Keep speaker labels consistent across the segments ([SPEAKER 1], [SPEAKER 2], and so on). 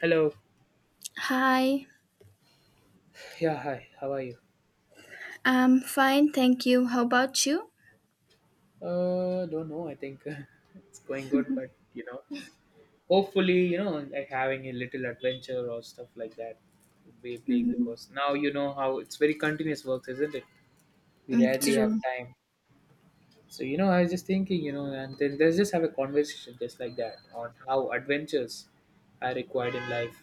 [SPEAKER 1] Hello.
[SPEAKER 2] Hi,
[SPEAKER 1] Yeah, hi. How are you?
[SPEAKER 2] I'm fine, thank you. How about you?
[SPEAKER 1] Don't know. I think it's going good, but hopefully, like having a little adventure or stuff like that would be a break
[SPEAKER 2] Mhm.
[SPEAKER 1] because now you know how it's very continuous work, isn't it? We
[SPEAKER 2] Mm,
[SPEAKER 1] rarely have
[SPEAKER 2] true.
[SPEAKER 1] time. So, I was just thinking, and then let's just have a conversation just like that on how adventures are required in life.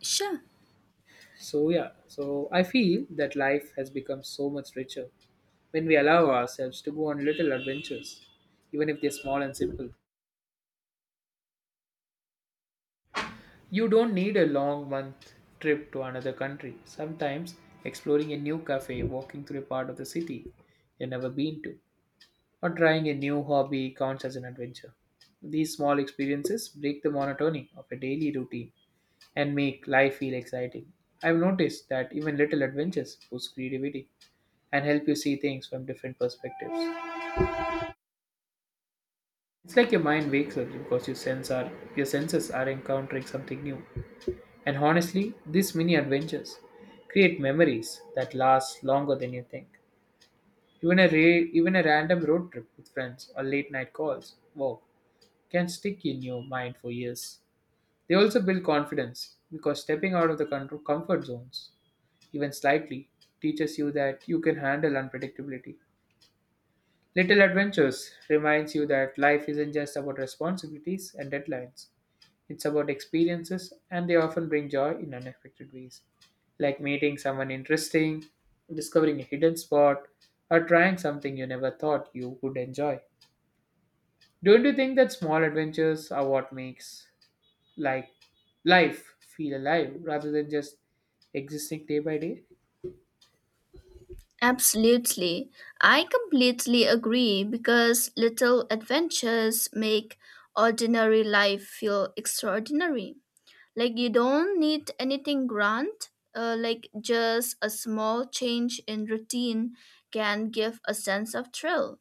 [SPEAKER 2] Sure.
[SPEAKER 1] So yeah, so I feel that life has become so much richer when we allow ourselves to go on little adventures, even if they're small and simple. You don't need a long month trip to another country. Sometimes exploring a new cafe, walking through a part of the city you've never been to, or trying a new hobby counts as an adventure. These small experiences break the monotony of a daily routine and make life feel exciting. I've noticed that even little adventures boost creativity and help you see things from different perspectives. It's like your mind wakes up because your senses are encountering something new. And honestly, these mini adventures create memories that last longer than you think. Even a random road trip with friends or late night calls, wow, can stick in your mind for years. They also build confidence because stepping out of the comfort zones, even slightly, teaches you that you can handle unpredictability. Little adventures reminds you that life isn't just about responsibilities and deadlines. It's about experiences, and they often bring joy in unexpected ways, like meeting someone interesting, discovering a hidden spot, or trying something you never thought you would enjoy. Don't you think that small adventures are what makes like life feel alive rather than just existing day by day?
[SPEAKER 2] Absolutely. I completely agree because little adventures make ordinary life feel extraordinary. Like you don't need anything grand, like just a small change in routine can give a sense of thrill.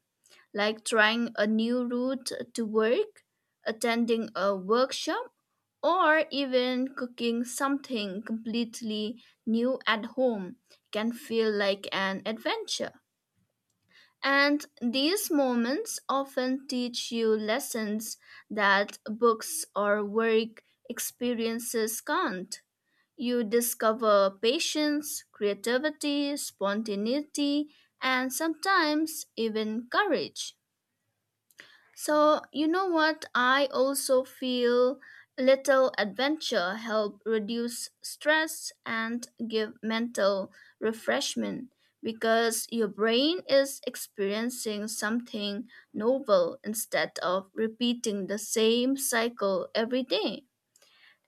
[SPEAKER 2] Like trying a new route to work, attending a workshop, or even cooking something completely new at home can feel like an adventure. And these moments often teach you lessons that books or work experiences can't. You discover patience, creativity, spontaneity, and sometimes even courage. So, you know what? I also feel little adventure help reduce stress and give mental refreshment because your brain is experiencing something novel instead of repeating the same cycle every day.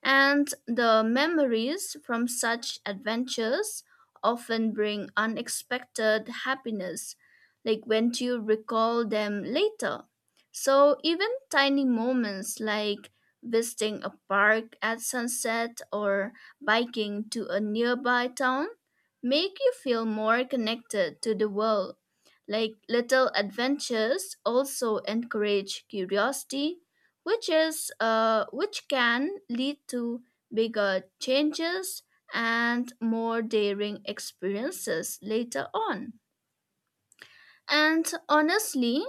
[SPEAKER 2] And the memories from such adventures often bring unexpected happiness, like when you recall them later. So, even tiny moments like visiting a park at sunset or biking to a nearby town make you feel more connected to the world. Like little adventures also encourage curiosity which can lead to bigger changes and more daring experiences later on. And honestly,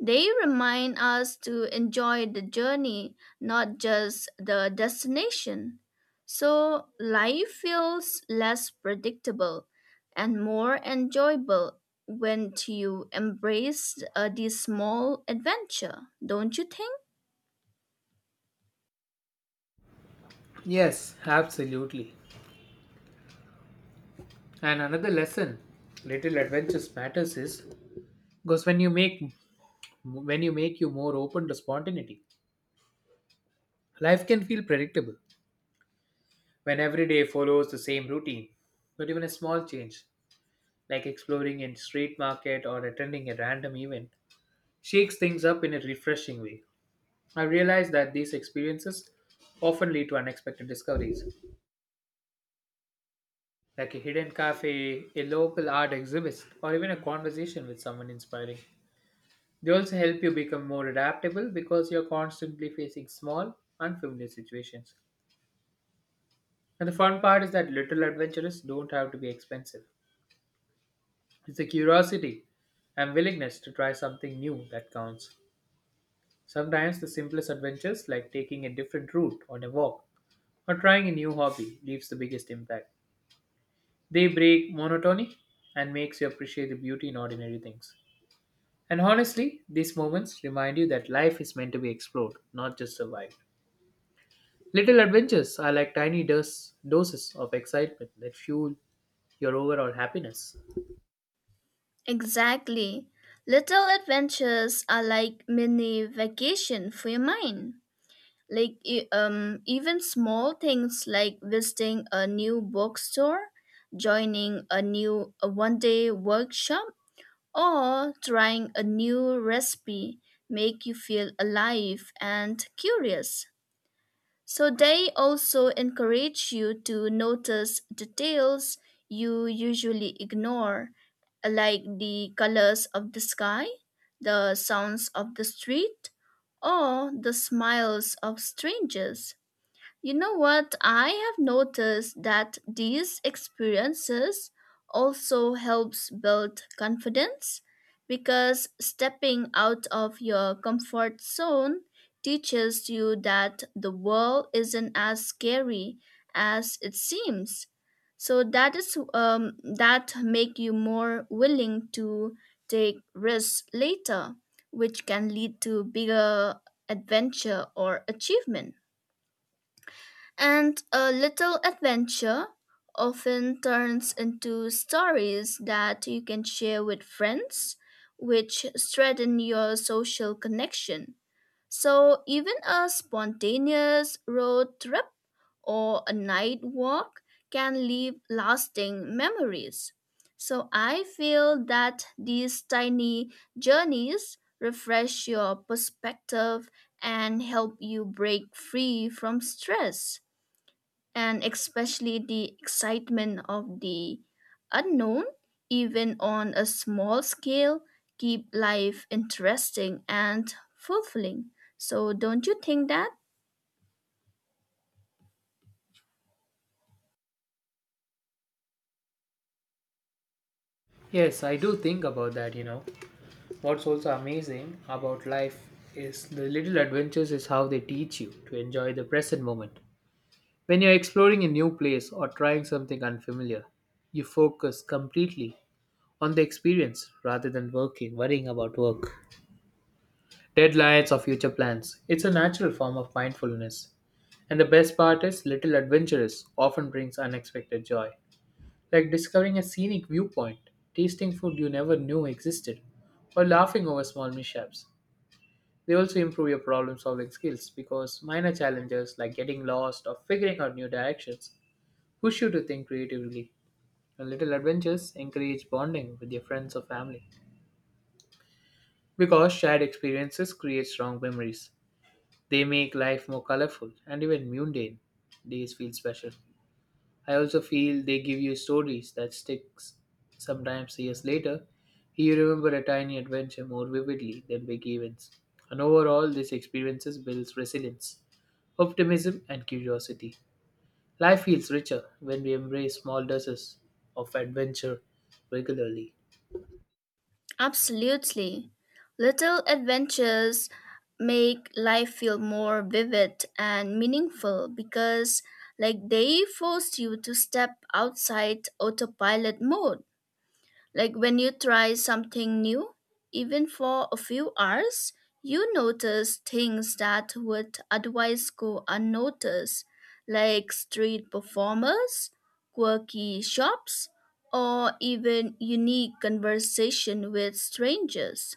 [SPEAKER 2] they remind us to enjoy the journey, not just the destination. So life feels less predictable and more enjoyable when you embrace this small adventure, don't you think?
[SPEAKER 1] Yes, absolutely. And another lesson little adventures matters is because when you make you more open to spontaneity, life can feel predictable when every day follows the same routine, but even a small change like exploring a street market or attending a random event shakes things up in a refreshing way. I realize that these experiences often lead to unexpected discoveries like a hidden cafe, a local art exhibit, or even a conversation with someone inspiring. They also help you become more adaptable because you're constantly facing small unfamiliar situations. And the fun part is that little adventures don't have to be expensive. It's the curiosity and willingness to try something new that counts. Sometimes the simplest adventures, like taking a different route on a walk or trying a new hobby, leaves the biggest impact. They break monotony and makes you appreciate the beauty in ordinary things. And honestly, these moments remind you that life is meant to be explored, not just survived. Little adventures are like tiny doses of excitement that fuel your overall happiness.
[SPEAKER 2] Exactly. Little adventures are like mini vacation for your mind. Like even small things like visiting a new bookstore, joining a one-day workshop, or trying a new recipe make you feel alive and curious. So they also encourage you to notice details you usually ignore, like the colors of the sky, the sounds of the street, or the smiles of strangers. You know what? I have noticed that these experiences also helps build confidence because stepping out of your comfort zone teaches you that the world isn't as scary as it seems. So that is that make you more willing to take risks later, which can lead to bigger adventure or achievement. And a little adventure often turns into stories that you can share with friends, which strengthen your social connection. So, even a spontaneous road trip or a night walk can leave lasting memories. So, I feel that these tiny journeys refresh your perspective and help you break free from stress and especially the excitement of the unknown, even on a small scale, keep life interesting and fulfilling. So, don't you think that?
[SPEAKER 1] Yes, I do think about that, you know. What's also amazing about life is the little adventures is how they teach you to enjoy the present moment. When you're exploring a new place or trying something unfamiliar, you focus completely on the experience rather than worrying about work, deadlines, or future plans. It's a natural form of mindfulness. And the best part is little adventures often brings unexpected joy like discovering a scenic viewpoint, tasting food you never knew existed, or laughing over small mishaps. They also improve your problem solving skills because minor challenges like getting lost or figuring out new directions push you to think creatively. And little adventures encourage bonding with your friends or family because shared experiences create strong memories. They make life more colorful and even mundane days feel special. I also feel they give you stories that sticks. Sometimes years later, you remember a tiny adventure more vividly than big events. And overall, these experiences builds resilience, optimism, and curiosity. Life feels richer when we embrace small doses of adventure regularly.
[SPEAKER 2] Absolutely. Little adventures make life feel more vivid and meaningful because like they force you to step outside autopilot mode. Like when you try something new, even for a few hours, you notice things that would otherwise go unnoticed, like street performers, quirky shops, or even unique conversation with strangers.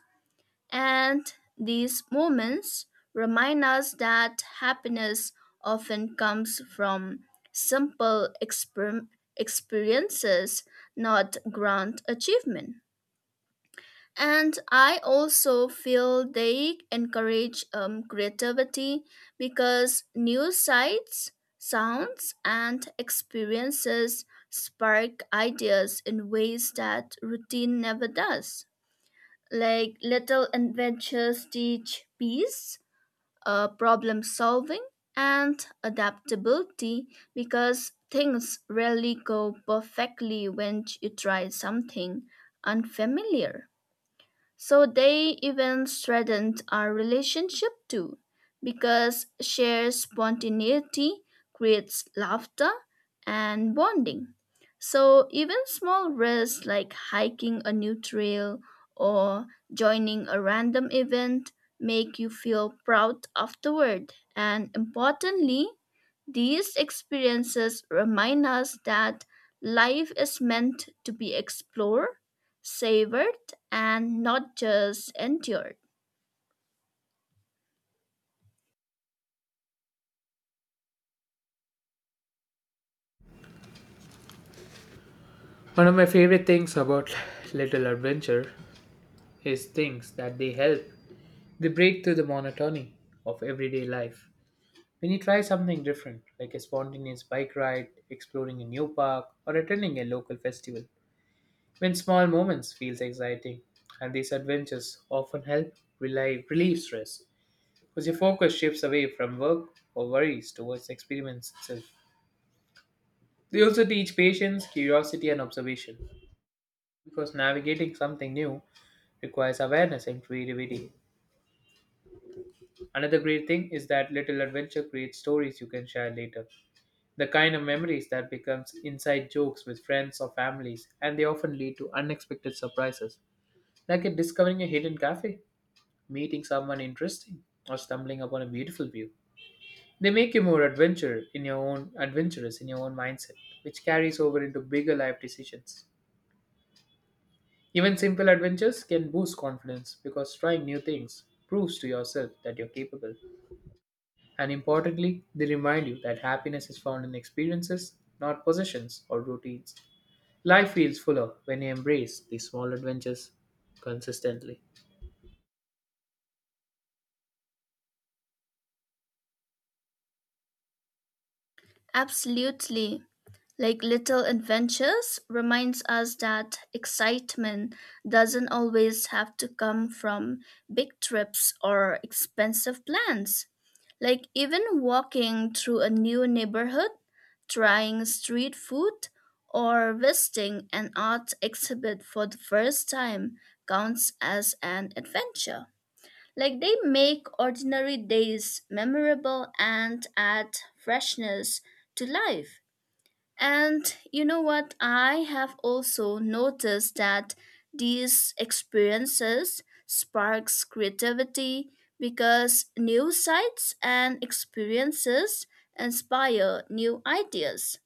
[SPEAKER 2] And these moments remind us that happiness often comes from simple exper- experiences, not grand achievement. And I also feel they encourage creativity because new sights, sounds, and experiences spark ideas in ways that routine never does. Like little adventures teach peace, problem solving, and adaptability because things rarely go perfectly when you try something unfamiliar. So they even threatened our relationship too, because shared spontaneity creates laughter and bonding. So even small risks like hiking a new trail or joining a random event make you feel proud afterward. And importantly, these experiences remind us that life is meant to be explored, savored, and not just endured.
[SPEAKER 1] One of my favorite things about little adventure is things that they help. They break through the monotony of everyday life. When you try something different, like a spontaneous bike ride, exploring a new park, or attending a local festival, when small moments feels exciting, and these adventures often help relieve stress, because your focus shifts away from work or worries towards the experience itself. They also teach patience, curiosity, and observation, because navigating something new requires awareness and creativity. Another great thing is that little adventure creates stories you can share later. The kind of memories that becomes inside jokes with friends or families, and they often lead to unexpected surprises, like in discovering a hidden cafe, meeting someone interesting, or stumbling upon a beautiful view. They make you more adventure in your own adventurous in your own mindset, which carries over into bigger life decisions. Even simple adventures can boost confidence because trying new things proves to yourself that you're capable. And importantly, they remind you that happiness is found in experiences, not possessions or routines. Life feels fuller when you embrace these small adventures consistently.
[SPEAKER 2] Absolutely. Like little adventures reminds us that excitement doesn't always have to come from big trips or expensive plans, like even walking through a new neighborhood, trying street food, or visiting an art exhibit for the first time counts as an adventure. Like they make ordinary days memorable and add freshness to life. And you know what? I have also noticed that these experiences sparks creativity because new sights and experiences inspire new ideas.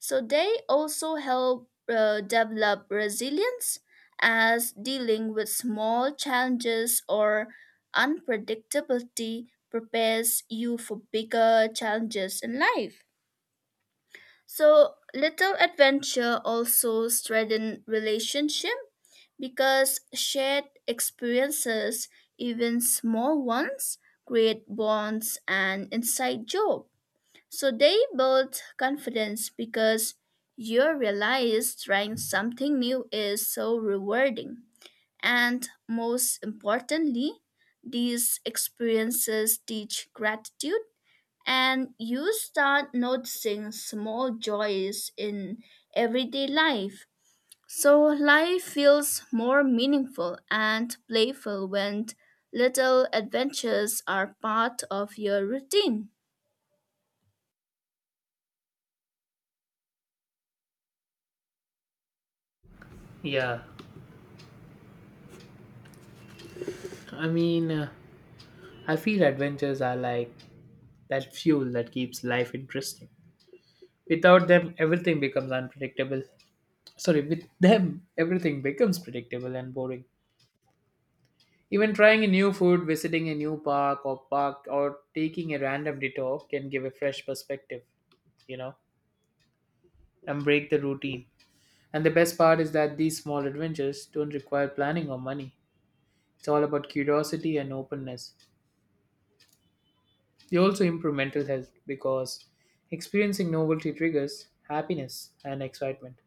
[SPEAKER 2] So they also help develop resilience as dealing with small challenges or unpredictability prepares you for bigger challenges in life. So little adventure also strengthen relationship because shared experiences, even small ones, create bonds and inside joke. So they build confidence because you realize trying something new is so rewarding. And most importantly, these experiences teach gratitude and you start noticing small joys in everyday life. So life feels more meaningful and playful when little adventures are part of your routine.
[SPEAKER 1] Yeah, I mean, I feel adventures are like that fuel that keeps life interesting. Without them, everything becomes unpredictable. Sorry, with them, everything becomes predictable and boring. Even trying a new food, visiting a new park or park, or taking a random detour can give a fresh perspective, you know, and break the routine. And the best part is that these small adventures don't require planning or money. It's all about curiosity and openness. They also improve mental health because experiencing novelty triggers happiness and excitement.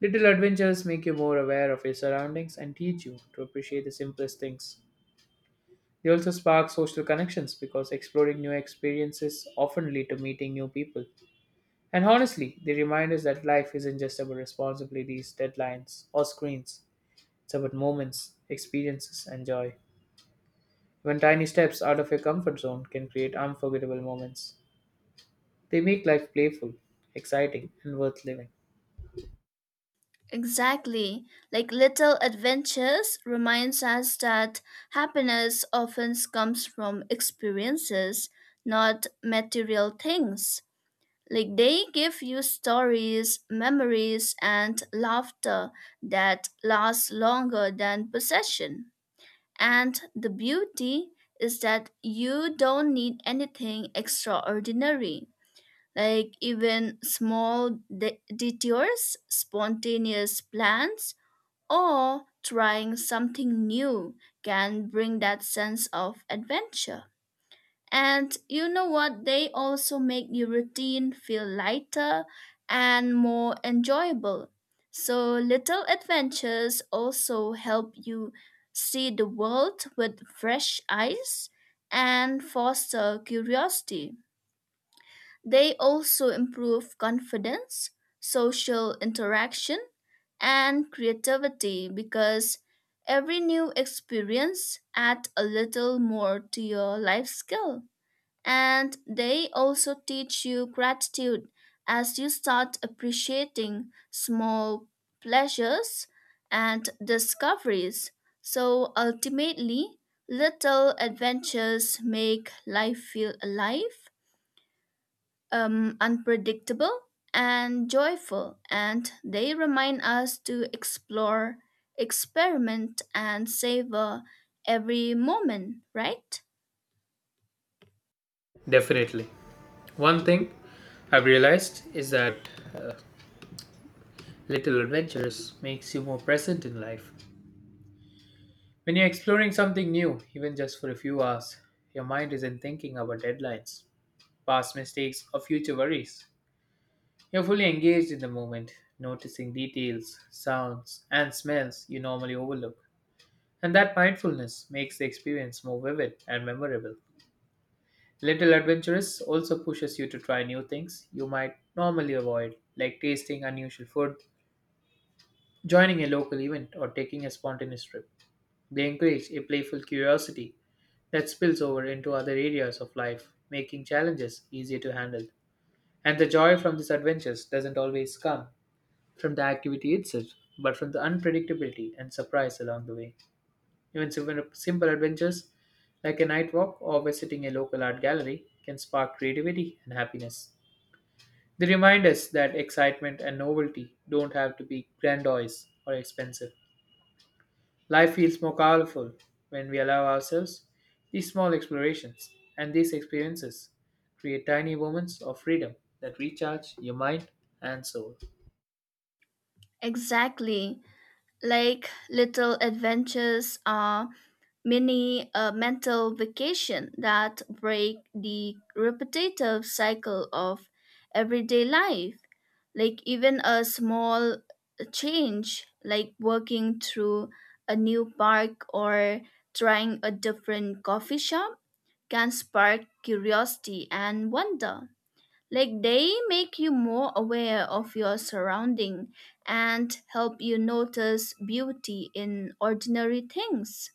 [SPEAKER 1] Little adventures make you more aware of your surroundings and teach you to appreciate the simplest things. They also spark social connections because exploring new experiences often lead to meeting new people. And honestly, they remind us that life isn't just about responsibilities, deadlines, or screens. It's about moments, experiences, and joy. Even tiny steps out of your comfort zone can create unforgettable moments. They make life playful, exciting, and worth living.
[SPEAKER 2] Exactly. Like little adventures reminds us that happiness often comes from experiences, not material things. Like they give you stories, memories, and laughter that lasts longer than possession. And the beauty is that you don't need anything extraordinary. Like even detours, spontaneous plans, or trying something new can bring that sense of adventure. And you know what? They also make your routine feel lighter and more enjoyable. So, little adventures also help you see the world with fresh eyes and foster curiosity. They also improve confidence, social interaction, and creativity because every new experience adds a little more to your life skill. And they also teach you gratitude as you start appreciating small pleasures and discoveries. So ultimately, little adventures make life feel alive, unpredictable, and joyful. And they remind us to explore, experiment, and savor every moment, right?
[SPEAKER 1] Definitely. One thing I've realized is that uh, little adventures makes you more present in life. When you're exploring something new, even just for a few hours, your mind isn't thinking about deadlines, past mistakes, or future worries. You're fully engaged in the moment, noticing details, sounds, and smells you normally overlook. And that mindfulness makes the experience more vivid and memorable. Little adventurous also pushes you to try new things you might normally avoid, like tasting unusual food, joining a local event, or taking a spontaneous trip. They encourage a playful curiosity that spills over into other areas of life, making challenges easier to handle. And the joy from these adventures doesn't always come from the activity itself, but from the unpredictability and surprise along the way. Even simple adventures like a night walk or visiting a local art gallery can spark creativity and happiness. They remind us that excitement and novelty don't have to be grandiose or expensive. Life feels more colorful when we allow ourselves these small explorations, and these experiences create tiny moments of freedom that recharge your mind and soul.
[SPEAKER 2] Exactly. Like little adventures are mini a mental vacation that break the repetitive cycle of everyday life. Like even a small change, like walking through a new park or trying a different coffee shop, can spark curiosity and wonder. Like they make you more aware of your surrounding and help you notice beauty in ordinary things.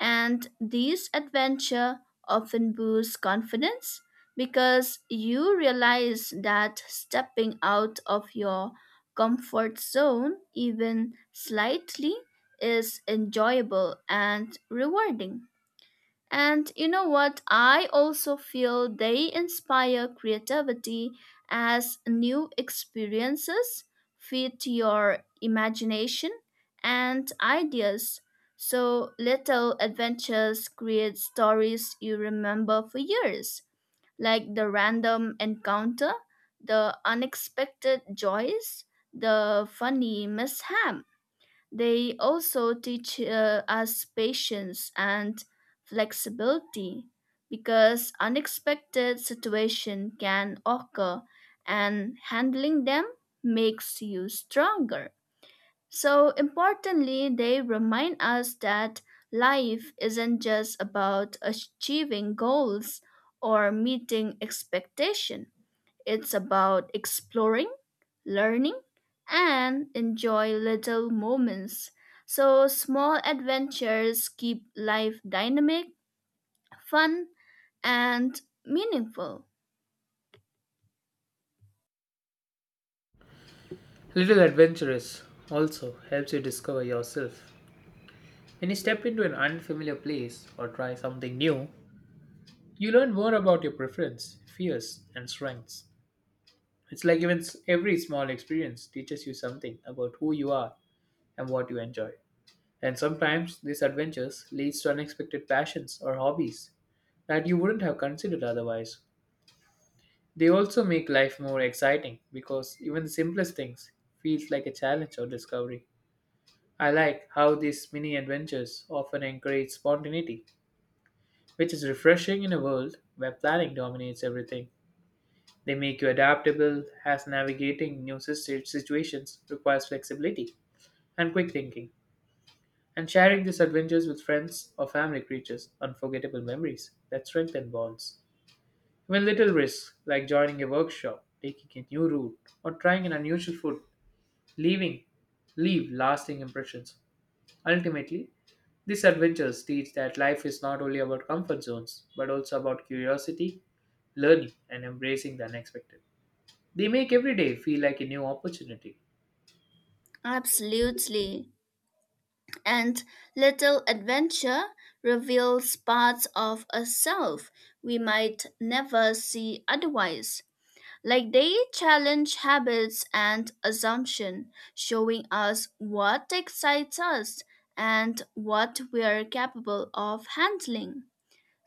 [SPEAKER 2] And these adventure often boost confidence because you realize that stepping out of your comfort zone even slightly is enjoyable and rewarding. And you know what? I also feel they inspire creativity as new experiences feed your imagination and ideas. So little adventures create stories you remember for years, like the random encounter, the unexpected joys, the funny mishap. They also teach us patience and flexibility because unexpected situations can occur and handling them makes you stronger. So, importantly, they remind us that life isn't just about achieving goals or meeting expectation. It's about exploring, learning, and enjoy little moments. So, small adventures keep life dynamic, fun, and meaningful.
[SPEAKER 1] Little adventurous also helps you discover yourself. When you step into an unfamiliar place or try something new, you learn more about your preference, fears, and strengths. It's like every small experience teaches you something about who you are and what you enjoy. And sometimes these adventures leads to unexpected passions or hobbies that you wouldn't have considered otherwise. They also make life more exciting because even the simplest things feels like a challenge or discovery. I like how these mini adventures often encourage spontaneity, which is refreshing in a world where planning dominates everything. They make you adaptable, as navigating new situations requires flexibility and quick thinking. And sharing these adventures with friends or family creates unforgettable memories that strengthen bonds. Even little risks, like joining a workshop, taking a new route, or trying an unusual food, leaving, leave lasting impressions. Ultimately, these adventures teach that life is not only about comfort zones, but also about curiosity, learning, and embracing the unexpected. They make every day feel like a new opportunity.
[SPEAKER 2] Absolutely. And little adventure reveals parts of a self we might never see otherwise. Like they challenge habits and assumption, showing us what excites us and what we are capable of handling.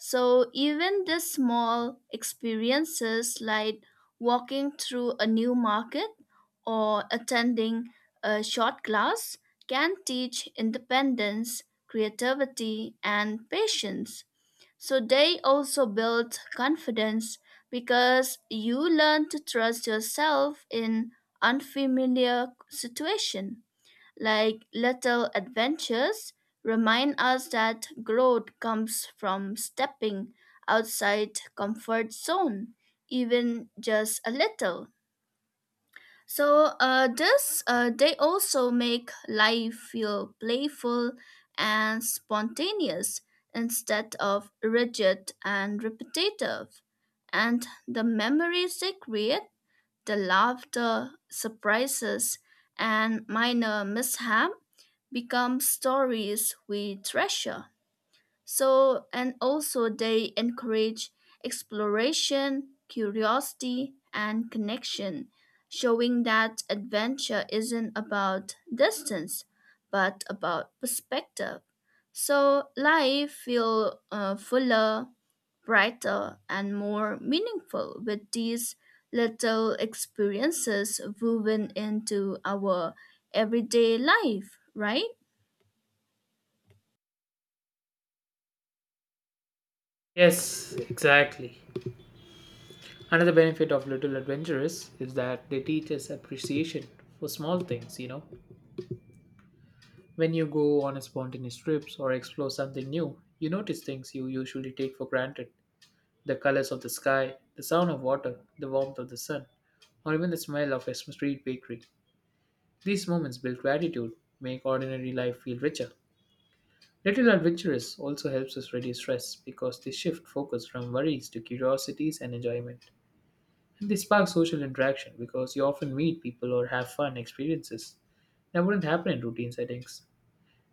[SPEAKER 2] So even the small experiences like walking through a new market or attending a short class can teach independence, creativity and patience. So they also build confidence because you learn to trust yourself in unfamiliar situation. Like little adventures remind us that growth comes from stepping outside comfort zone, even just a little. So this they also make life feel playful and spontaneous instead of rigid and repetitive. And the memories they create, the laughter, surprises, and minor mishap become stories we treasure. So, and also they encourage exploration, curiosity, and connection, showing that adventure isn't about distance, but about perspective. So, life feels fuller, brighter, and more meaningful with these little experiences woven into our everyday life, right?
[SPEAKER 1] Yes, exactly. Another benefit of little adventures is that they teach us appreciation for small things, you know. When you go on a spontaneous trips or explore something new, you notice things you usually take for granted. The colors of the sky, the sound of water, the warmth of the sun, or even the smell of a street bakery. These moments build gratitude, make ordinary life feel richer. Little adventures also helps us reduce stress because they shift focus from worries to curiosities and enjoyment. And they spark social interaction because you often meet people or have fun experiences that wouldn't happen in routine settings.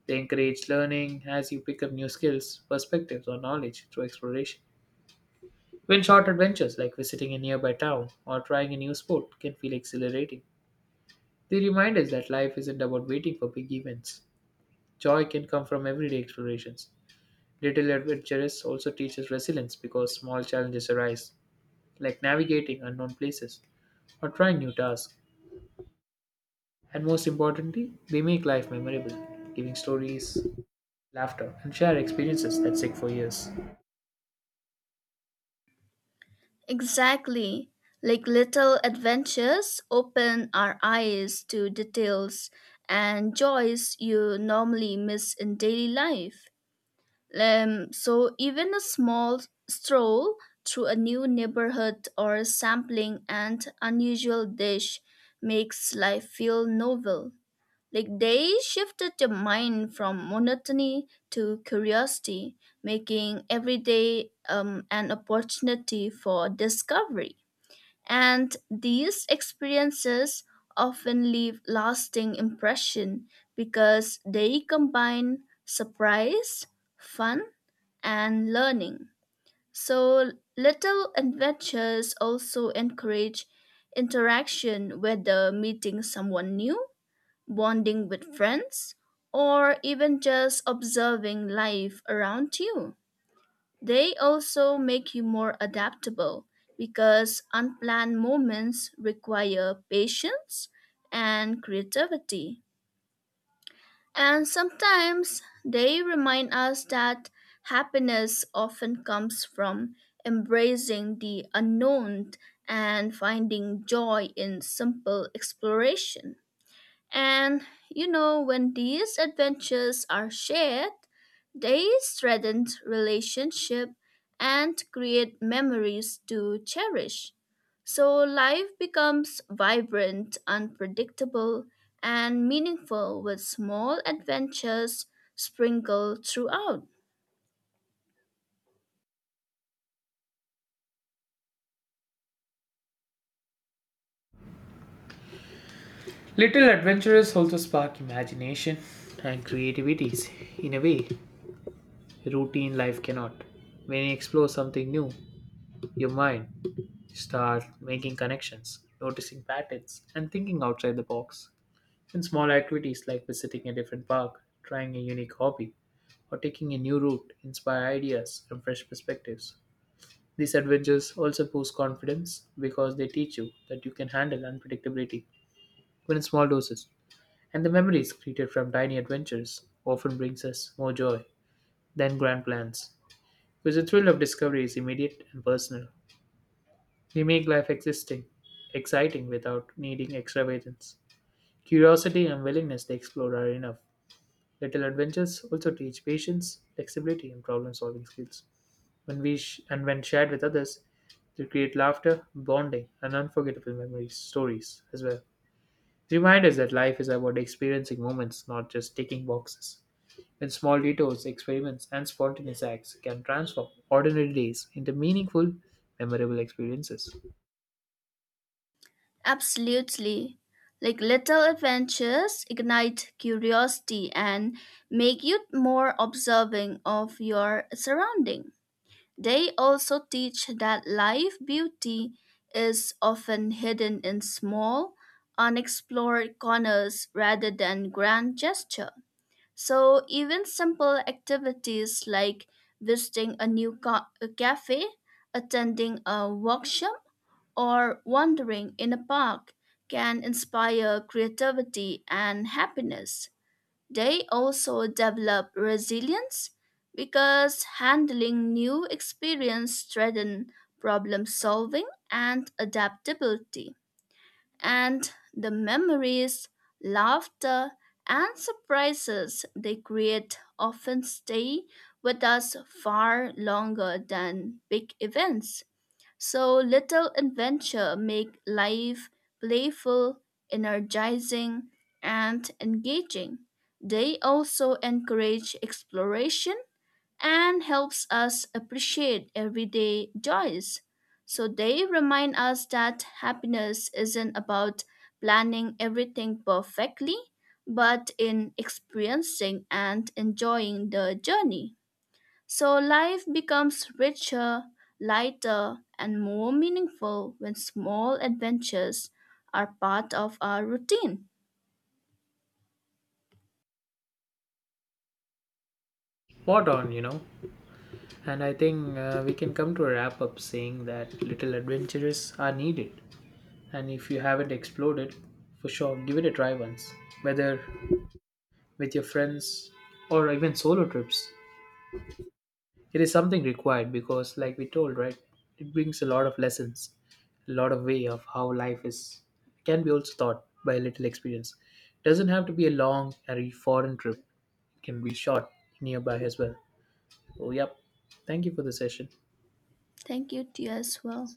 [SPEAKER 1] They encourage learning as you pick up new skills, perspectives, or knowledge through exploration. Even short adventures like visiting a nearby town or trying a new sport can feel exhilarating. They remind us that life isn't about waiting for big events. Joy can come from everyday explorations. Little adventures also teaches resilience because small challenges arise, like navigating unknown places or trying new tasks. And most importantly, they make life memorable, giving stories, laughter, and shared experiences that stick for years.
[SPEAKER 2] Exactly. Like little adventures open our eyes to details and joys you normally miss in daily life. So, even a small stroll through a new neighborhood or sampling an unusual dish makes life feel novel. Like they shifted your mind from monotony to curiosity, making every day an opportunity for discovery. And these experiences often leave lasting impression because they combine surprise, fun, and learning. So little adventures also encourage interaction, whether meeting someone new, bonding with friends, or even just observing life around you. They also make you more adaptable because unplanned moments require patience and creativity. And sometimes they remind us that happiness often comes from embracing the unknown and finding joy in simple exploration. And you know, when these adventures are shared, they strengthen relationship and create memories to cherish. So life becomes vibrant, unpredictable, and meaningful with small adventures sprinkled throughout.
[SPEAKER 1] Little adventures also spark imagination and creativities in a way routine life cannot. When you explore something new, your mind starts making connections, noticing patterns, and thinking outside the box. Even small activities like visiting a different park, trying a unique hobby, or taking a new route inspire ideas and fresh perspectives. These adventures also boost confidence because they teach you that you can handle unpredictability, even in small doses. And the memories created from tiny adventures often brings us more joy than grand plans, because the thrill of discovery is immediate and personal. We make life existing, exciting without needing extravagance. Curiosity and willingness to explore are enough. Little adventures also teach patience, flexibility, and problem-solving skills. When we sh- and when shared with others, they create laughter, bonding, and unforgettable memories, stories as well. Reminders that life is about experiencing moments, not just ticking boxes. When small detours, experiments, and spontaneous acts can transform ordinary days into meaningful, memorable experiences.
[SPEAKER 2] Absolutely. Like little adventures ignite curiosity and make you more observing of your surrounding. They also teach that life beauty is often hidden in small, unexplored corners rather than grand gesture. So even simple activities like visiting a new ca- a cafe, attending a workshop, or wandering in a park can inspire creativity and happiness. They also develop resilience because handling new experience strengthen problem solving and adaptability. And the memories, laughter, and surprises they create often stay with us far longer than big events. So little adventure make life playful, energizing, and engaging. They also encourage exploration and helps us appreciate everyday joys. So they remind us that happiness isn't about planning everything perfectly, but in experiencing and enjoying the journey. So life becomes richer, lighter, and more meaningful when small adventures are part of our routine.
[SPEAKER 1] Spot on, you know. And I think we can come to a wrap up saying that little adventures are needed, and if you haven't explored it, for sure give it a try once, whether with your friends or even solo trips. It is something required, because like we told, right, it brings a lot of lessons. A lot of way of how life is can be also taught by a little experience. It doesn't have to be a long or a foreign trip, it can be short, nearby as well. Oh yep, thank you for the session.
[SPEAKER 2] Thank you to you as well.